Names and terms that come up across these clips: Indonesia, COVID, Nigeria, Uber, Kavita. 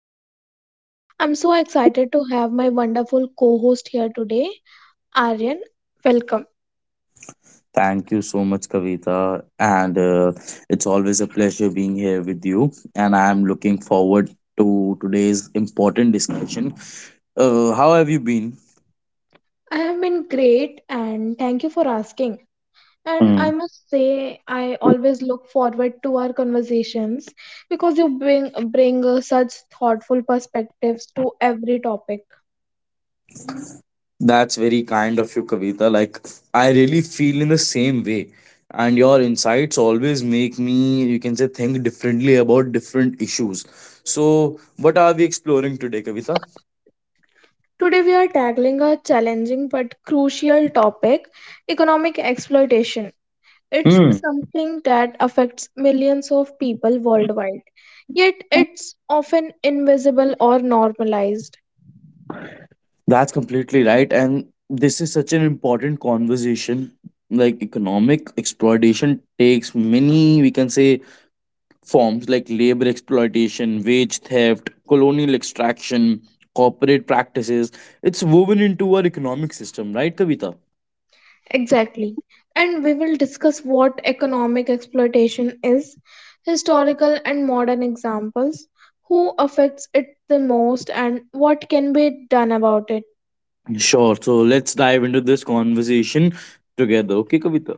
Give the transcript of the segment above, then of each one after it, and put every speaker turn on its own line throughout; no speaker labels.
our podcast. I'm so excited to have my wonderful co host here today, Aryan. Welcome.
Thank you so much, Kavita. And It's always a pleasure being here with you. And I'm looking forward to today's important discussion. How have you been?
I have been great, and thank you for asking. And I
Hmm.
must say, I always look forward to our conversations because you bring such thoughtful perspectives to every topic.
That's very kind of you, Kavita. Like, I really feel in the same way. And your insights always make me, you can say, think differently about different issues. So, what are we exploring today, Kavita?
Today, we are tackling a challenging but crucial topic, economic exploitation. It's
Hmm.
something that affects millions of people worldwide, yet it's often invisible or normalized.
That's completely right. And this is such an important conversation. Like economic exploitation takes many, we can say, forms like labor exploitation, wage theft, colonial extraction, corporate practices. It's woven into our economic system, right, Kavita?
Exactly. And we will discuss what economic exploitation is, historical and modern examples, who affects it the most, and what can be done about it.
Sure. So let's dive into this conversation together. Okay, Kavita?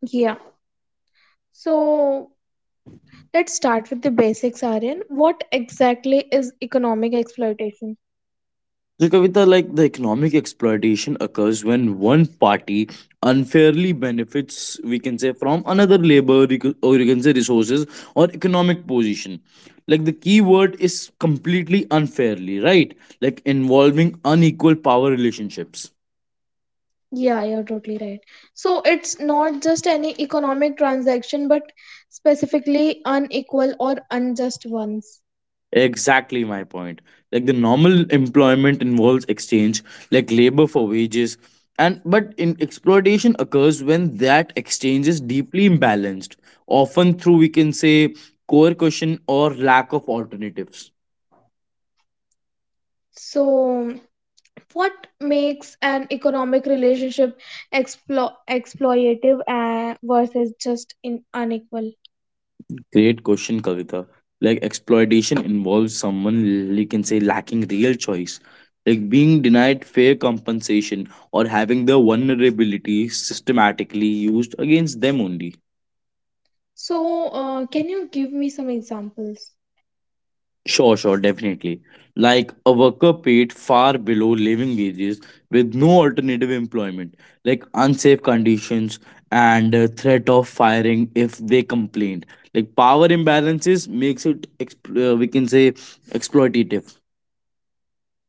Yeah. So let's start with the basics, Aryan. What exactly is economic exploitation?
So, Kavita, like the economic exploitation occurs when one party unfairly benefits, we can say, from another labor or you can say resources or economic position. Like the key word is completely unfairly, right? Like involving unequal power relationships.
Yeah, you're totally right. So it's not just any economic transaction, but specifically unequal or unjust ones.
Exactly my point. Like the normal employment involves exchange, like labor for wages, and but in exploitation occurs when that exchange is deeply imbalanced, often through we can say coercion or lack of alternatives.
So, what makes an economic relationship exploitative versus just in unequal?
Great question, Kavita. Like exploitation involves someone you can say lacking real choice, like being denied fair compensation or having their vulnerability systematically used against them only.
So, can you give me some examples?
Sure, definitely. Like a worker paid far below living wages with no alternative employment, like unsafe conditions and threat of firing if they complained. Like power imbalances makes it we can say exploitative.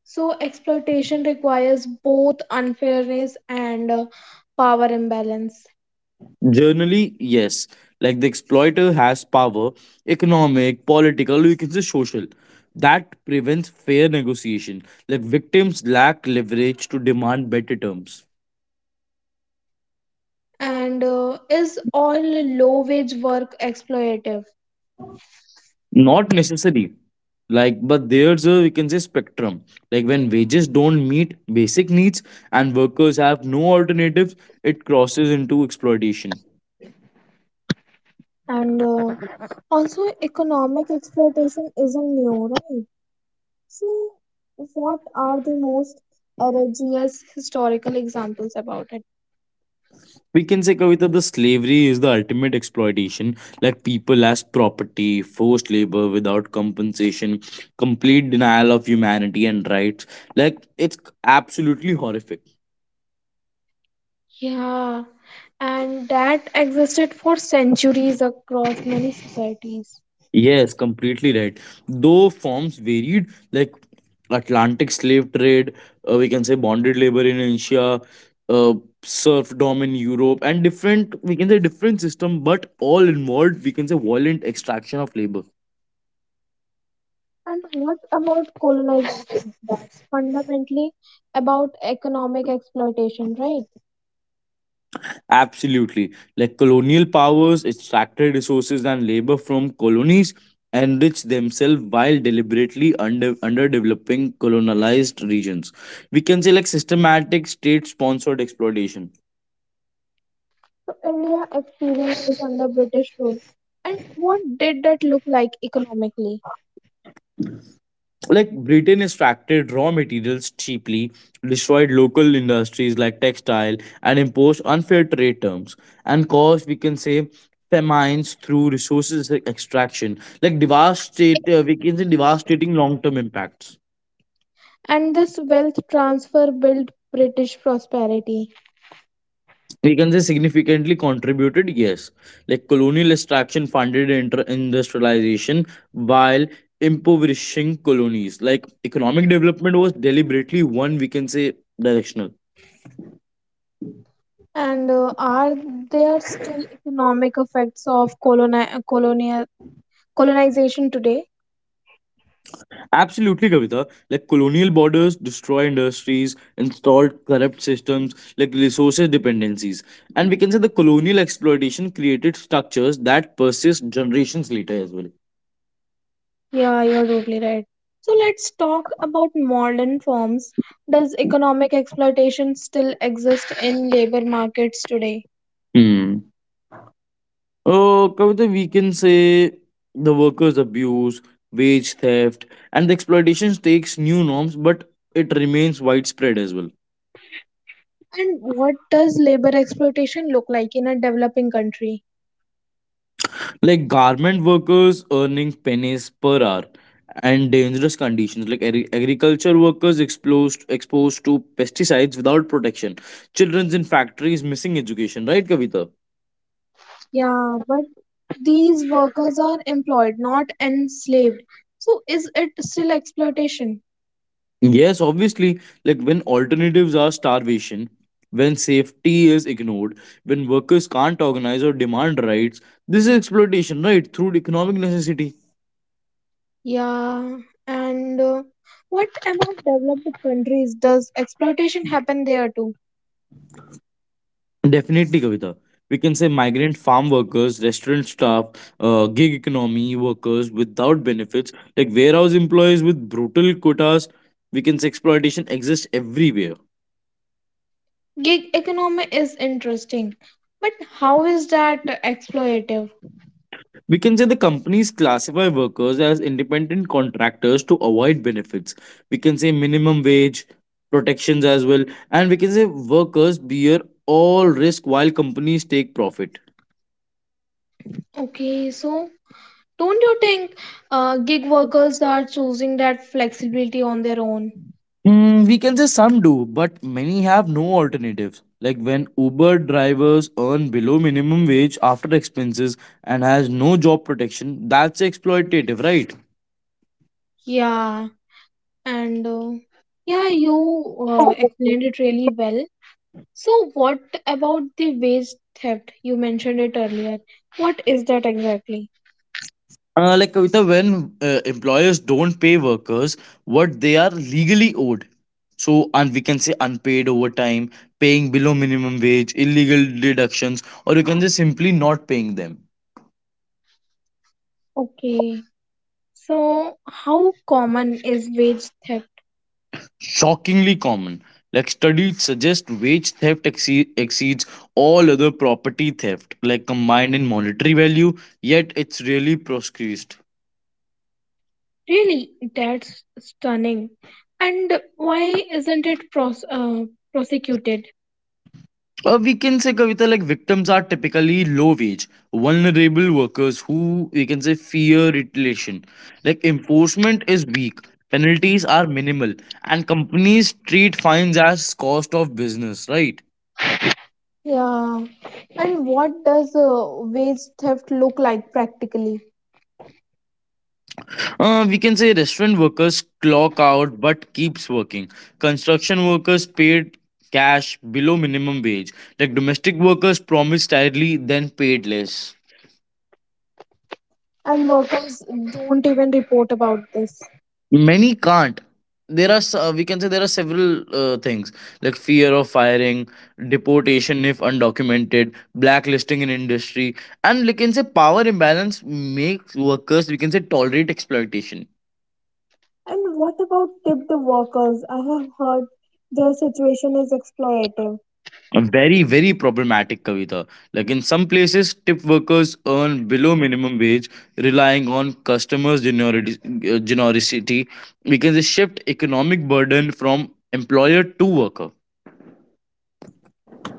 So, exploitation requires both unfairness and power imbalance.
Generally, yes. Like the exploiter has power, economic, political, you can say social. That prevents fair negotiation. Like victims lack leverage to demand better terms.
And is all low wage work exploitative?
Not necessary. Like, but there's a we can say spectrum. Like when wages don't meet basic needs and workers have no alternatives, it crosses into exploitation.
And also economic exploitation isn't new, right? So what are the most egregious historical examples about it?
We can say Kavita, the slavery is the ultimate exploitation. Like people as property, forced labor without compensation, complete denial of humanity and rights. Like it's absolutely horrific.
Yeah, and that existed for centuries across many societies.
Yes, completely right. Though forms varied, like Atlantic slave trade, we can say bonded labor in Asia, uh, serfdom in Europe, and different, we can say different system, but all involved, we can say violent extraction of labor.
And what about colonization? That's fundamentally about economic exploitation, right?
Absolutely. Like colonial powers extracted resources and labor from colonies, enriched themselves while deliberately underdeveloping colonized regions. We can say like systematic state-sponsored exploitation.
So India experience is under British rule. And what did that look like economically?
Like Britain extracted raw materials cheaply, destroyed local industries like textile, and imposed unfair trade terms and caused we can say famines through resources extraction, like devastate we can say devastating long-term impacts.
And this wealth transfer built British prosperity.
We can say significantly contributed, yes. Like colonial extraction funded industrialization while impoverishing colonies. Like economic development was deliberately one, we can say, directional.
And are there still economic effects of coloni- colonial colonization today?
Absolutely, Kavita. Like colonial borders, destroy industries, installed corrupt systems, like resources dependencies. And we can say the colonial exploitation created structures that persist generations later as well.
Yeah, you're totally right. So let's talk about modern forms. Does economic exploitation still exist in labor markets today?
Hmm. Kavita, we can say the workers' abuse, wage theft, and the exploitation takes new norms, but it remains widespread as well.
And what does labor exploitation look like in a developing country?
Like garment workers earning pennies per hour and dangerous conditions, like agriculture workers exposed to pesticides without protection, children's in factories missing education, right Kavita?
Yeah, but these workers are employed, not enslaved. So is it still exploitation?
Yes, obviously. Like when alternatives are starvation, when safety is ignored, when workers can't organize or demand rights, this is exploitation, right, through economic necessity.
Yeah, and what about developed countries? Does exploitation happen there too?
Definitely, Kavita. We can say migrant farm workers, restaurant staff, gig economy workers without benefits, like warehouse employees with brutal quotas. We can say exploitation exists everywhere.
Gig economy is interesting, but how is that exploitative?
We can say the companies classify workers as independent contractors to avoid benefits. We can say minimum wage protections as well. And we can say workers bear all risk while companies take profit.
Okay, so don't you think gig workers are choosing that flexibility on their own?
We can say some do, but many have no alternatives. Like when Uber drivers earn below minimum wage after expenses and has no job protection, that's exploitative, right?
Yeah, and yeah, you explained it really well. So what about the waste theft? You mentioned it earlier. What is that exactly?
Like Kavita, when employers don't pay workers what they are legally owed, so and we can say unpaid overtime, paying below minimum wage, illegal deductions, or you can say simply not paying them.
Okay. So how common is wage theft?
Shockingly common. Like studies suggest wage theft exceeds all other property theft, like combined in monetary value, yet it's really proscribed.
Really, that's stunning. And why isn't it prosecuted?
We can say Kavita, like victims are typically low wage, vulnerable workers who we can say fear retaliation. Like enforcement is weak, penalties are minimal, and companies treat fines as cost of business, right?
Yeah. And what does wage theft look like practically?
We can say restaurant workers clock out but keeps working. Construction workers paid cash below minimum wage. Like domestic workers promised hourly then paid less.
And workers don't even report about this.
Many can't. We can say there are several things like fear of firing, deportation if undocumented, blacklisting in industry, and we can say power imbalance makes workers we can say tolerate exploitation.
And what about tipped workers? I have heard their situation is exploitative.
A very, very problematic, Kavita. Like in some places, tip workers earn below minimum wage, relying on customers' generosity. We can just shift economic burden from employer to worker.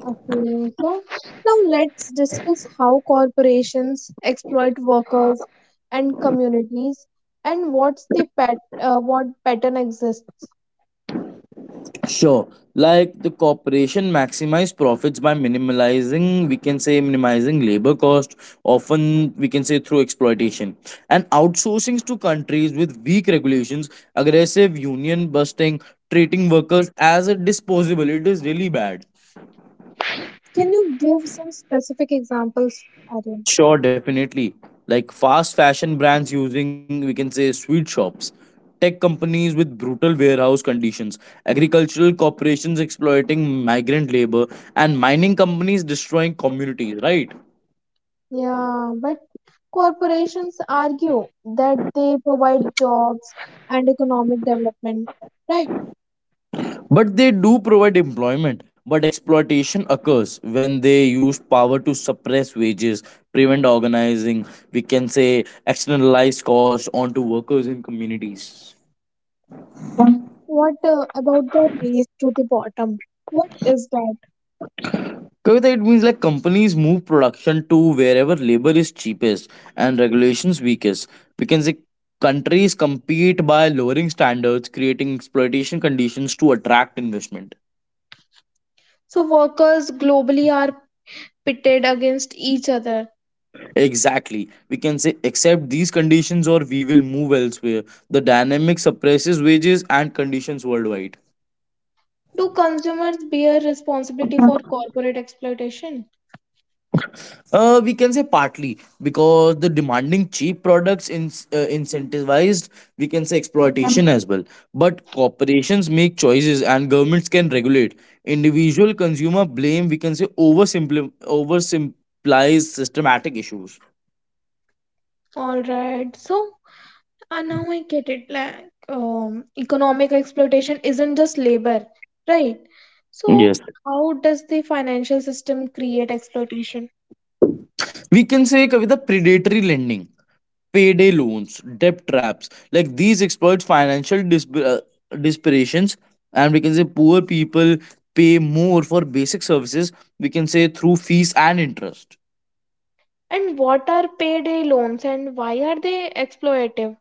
Okay, so now let's discuss how corporations exploit workers and communities and what pattern exists.
Sure. Like the corporation maximize profits by we can say minimizing labor cost, often we can say through exploitation. And outsourcing to countries with weak regulations, aggressive union busting, treating workers as a disposable, it is really bad.
Can you give some specific examples, Aryan?
Sure, definitely. Like fast fashion brands using, we can say, sweet shops, tech companies with brutal warehouse conditions, agricultural corporations exploiting migrant labor, and mining companies destroying communities, right?
Yeah, but corporations argue that they provide jobs and economic development, right?
But they do provide employment. But exploitation occurs when they use power to suppress wages, prevent organizing, we can say externalize costs onto workers in communities.
What about the race to the bottom? What is that?
Kavita, it means like companies move production to wherever labor is cheapest and regulations weakest. We can say countries compete by lowering standards, creating exploitation conditions to attract investment.
So workers globally are pitted against each other.
Exactly. We can say accept these conditions or we will move elsewhere. The dynamic suppresses wages and conditions worldwide.
Do consumers bear responsibility for corporate exploitation?
We can say partly because the demanding cheap products incentivized, we can say exploitation as well. But corporations make choices and governments can regulate. Individual consumer blame, we can say, oversimplifies systematic issues.
All right, so now I get it. Like, economic exploitation isn't just labor, right? So,
Yes.
how does the financial system create exploitation?
We can say, Kavita, predatory lending, payday loans, debt traps. Like these exploit financial disparitions, and we can say poor people pay more for basic services. We can say through fees and interest.
And what are payday loans and why are they exploitative?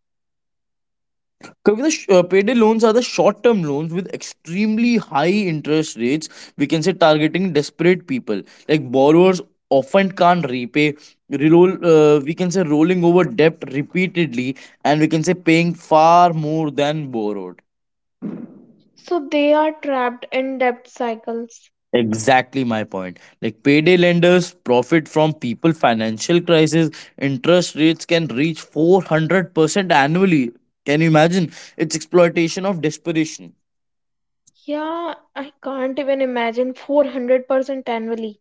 Kavita, payday loans are the short-term loans with extremely high interest rates. We can say targeting desperate people, like borrowers often can't repay. We can say rolling over debt repeatedly, and we can say paying far more than borrowed.
So, they are trapped in debt cycles.
Exactly my point. Like payday lenders profit from people financial crisis. Interest rates can reach 400% annually. Can you imagine? It's exploitation of desperation.
Yeah, I can't even imagine 400% annually.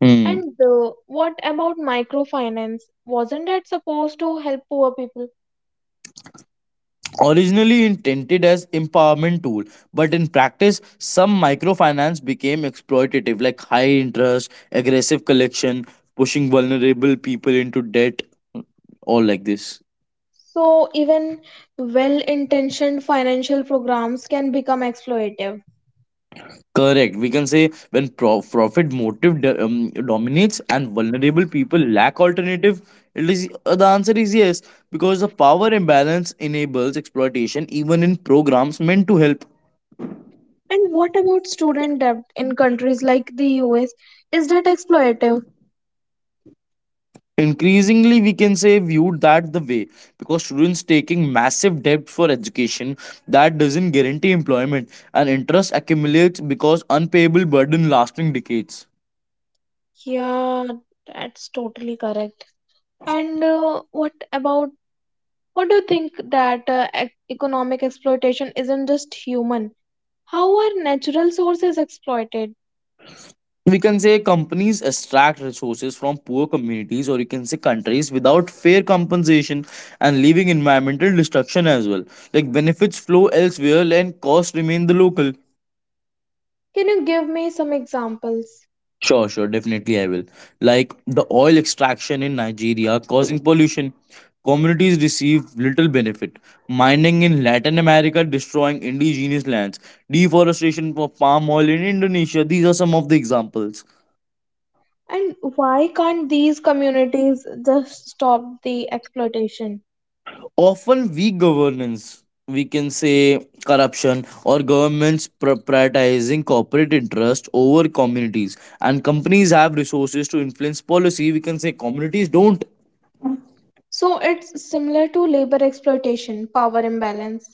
Hmm.
And what about microfinance? Wasn't that supposed to help poor people?
Originally intended as empowerment tool, but in practice, some microfinance became exploitative, like high interest, aggressive collection, pushing vulnerable people into debt, all like this.
So even well-intentioned financial programs can become exploitative.
Correct. We can say when profit motive dominates and vulnerable people lack alternative, it is the answer is yes, because the power imbalance enables exploitation even in programs meant to help.
And what about student debt in countries like the US? Is that exploitative?
Increasingly, we can say viewed that the way, because students taking massive debt for education that doesn't guarantee employment and interest accumulates because unpayable burden lasting decades.
Yeah, that's totally correct. And what about what do you think that economic exploitation isn't just human? How are natural sources exploited?
We can say companies extract resources from poor communities or you can say countries without fair compensation and leaving environmental destruction as well. Like benefits flow elsewhere and costs remain the local.
Can you give me some examples?
Sure, definitely, I will. Like the oil extraction in Nigeria causing pollution, communities receive little benefit, mining in Latin America destroying indigenous lands, deforestation for palm oil in Indonesia, these are some of the examples.
And why can't these communities just stop the exploitation?
Often weak governance, we can say corruption, or governments prioritizing corporate interest over communities, and companies have resources to influence policy. We can say communities don't.
So it's similar to labor exploitation, power imbalance.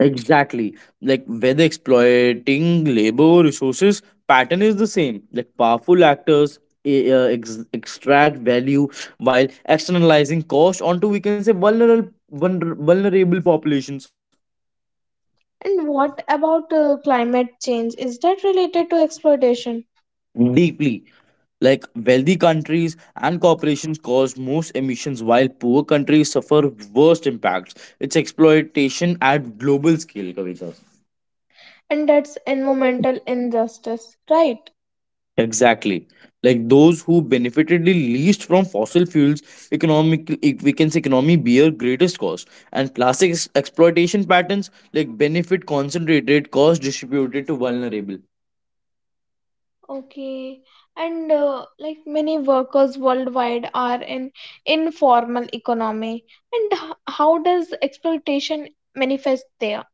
Exactly. Like whether exploiting labor or resources, pattern is the same. Like powerful actors extract value while externalizing cost onto we can say vulnerable populations.
And what about climate change? Is that related to exploitation?
Deeply. Like wealthy countries and corporations cause most emissions while poor countries suffer worst impacts. It's exploitation at global scale, Kavita.
And that's environmental injustice, right?
Exactly. Like those who benefited the least from fossil fuels, we can say economy bear greatest cost. And classic exploitation patterns, like benefit concentrated, cost distributed to vulnerable.
Okay. And like many workers worldwide are in informal economy. And how does exploitation manifest there?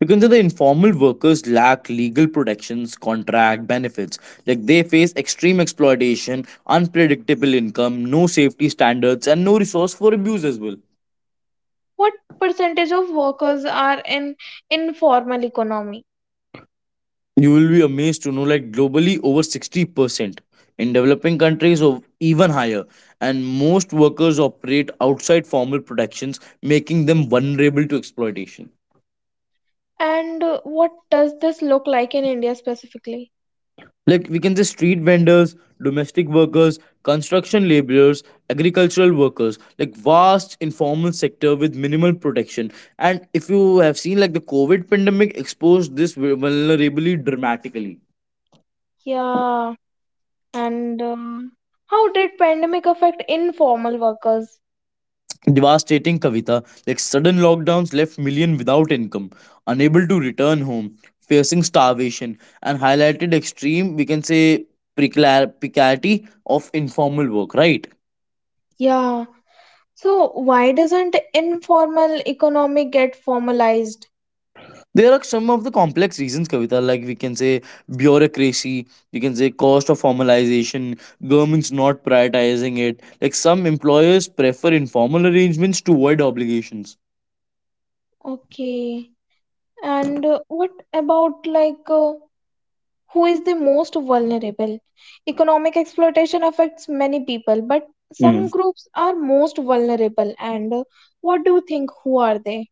Because the informal workers lack legal protections, contract benefits. Like they face extreme exploitation, unpredictable income, no safety standards, and no resource for abuse as well.
What percentage of workers are in informal economy?
You will be amazed to know, like globally, over 60%. In developing countries, of even higher. And most workers operate outside formal protections, making them vulnerable to exploitation.
And what does this look like in India specifically?
Like we can say street vendors, domestic workers, construction laborers, agricultural workers, like vast informal sector with minimal protection. And if you have seen, like the COVID pandemic exposed this vulnerability dramatically.
Yeah, and how did pandemic affect informal workers?
Devastating, Kavita. Like sudden lockdowns left million without income, unable to return home, facing starvation, and highlighted extreme we can say precarity of informal work, right?
Yeah, so why doesn't informal economy get formalized?
There are some of the complex reasons, Kavita, like we can say bureaucracy, we can say cost of formalization, governments not prioritizing it. Like some employers prefer informal arrangements to avoid obligations.
Okay, and what about who is the most vulnerable. Economic exploitation affects many people, but
Mm.
some groups are most vulnerable. And what do you think? Who are they?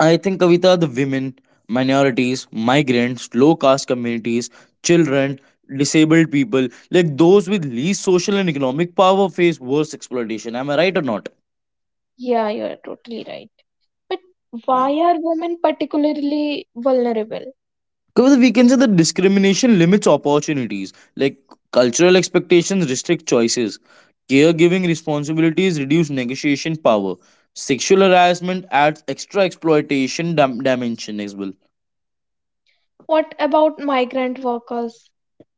I think Kavita, the women, minorities, migrants, low caste communities, children, disabled people, like those with least social and economic power face worse exploitation. Am I right or not?
Yeah, you are totally right. But why are women particularly vulnerable?
Because we can say that discrimination limits opportunities, like cultural expectations restrict choices, caregiving responsibilities reduce negotiation power, sexual harassment adds extra exploitation dimension as well.
What about migrant workers?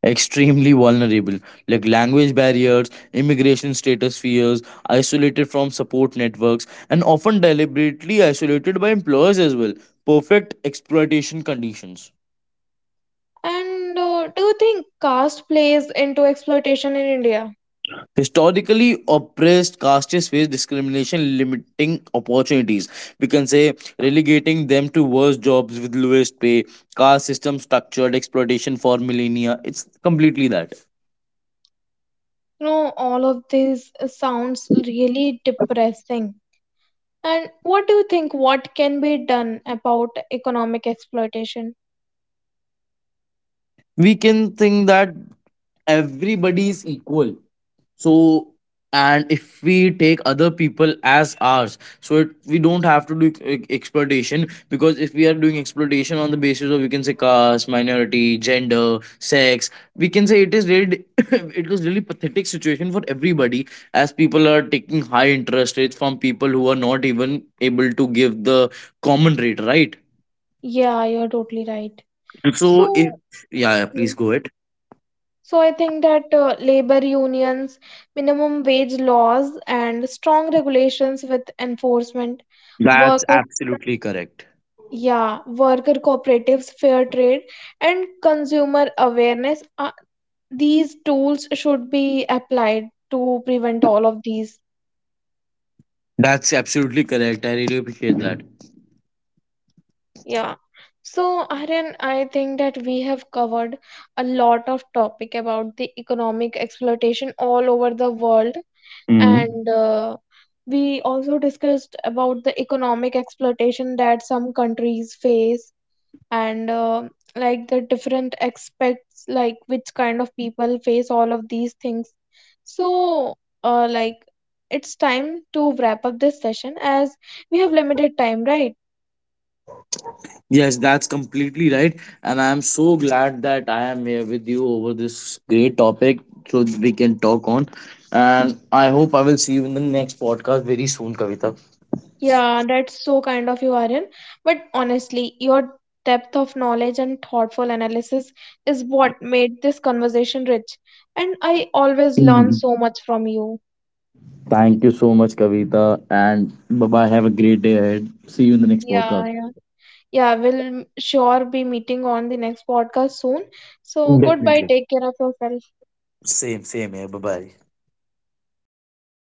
Extremely vulnerable, like language barriers, immigration status fears, isolated from support networks, and often deliberately isolated by employers as well. Perfect exploitation conditions.
And do you think caste plays into exploitation in India?
Historically oppressed castes face discrimination, limiting opportunities. We can say relegating them to worse jobs with lowest pay, caste system structured exploitation for millennia. It's completely that.
You know, all of this sounds really depressing. And what do you think what can be done about economic exploitation?
We can think that everybody is equal, so and if we take other people as ours so it, we don't have to do exploitation, because if we are doing exploitation on the basis of we can say caste, minority, gender, sex, we can say it is really it was really pathetic situation for everybody, as people are taking high interest rates from people who are not even able to give the common rate, right?
Yeah, you're totally right.
So if,
So,
yeah, yeah,
yeah.
please go ahead.
So I think that labor unions, minimum wage laws, and strong regulations with enforcement,
That's
worker,
absolutely correct.
yeah, worker cooperatives, fair trade, and consumer awareness, these tools should be applied to prevent all of these.
That's absolutely correct. I really appreciate
Yeah. So, Aryan, I think that we have covered a lot of topic about the economic exploitation all over the world,
that.
and we also discussed about the economic exploitation that some countries face, and like the different aspects, like which kind of people face all of these things. So, like it's time to wrap up this session as we have limited time, right?
Yes, that's completely right. And I'm so glad that I am here with you over this great topic so we can talk on. And I hope I will see you in the next podcast very soon, Kavita.
Yeah, that's so kind of you, Aryan. But honestly, your depth of knowledge and thoughtful analysis is what made this conversation rich. And I always learn
Mhm.
so much from you.
Thank you so much, Kavita. And bye bye. Have a great day ahead. See you in the next
Yeah,
podcast.
yeah. Yeah, we'll sure be meeting on the next podcast soon. So goodbye.
Definitely.
Take care of yourself.
Same here. Bye bye.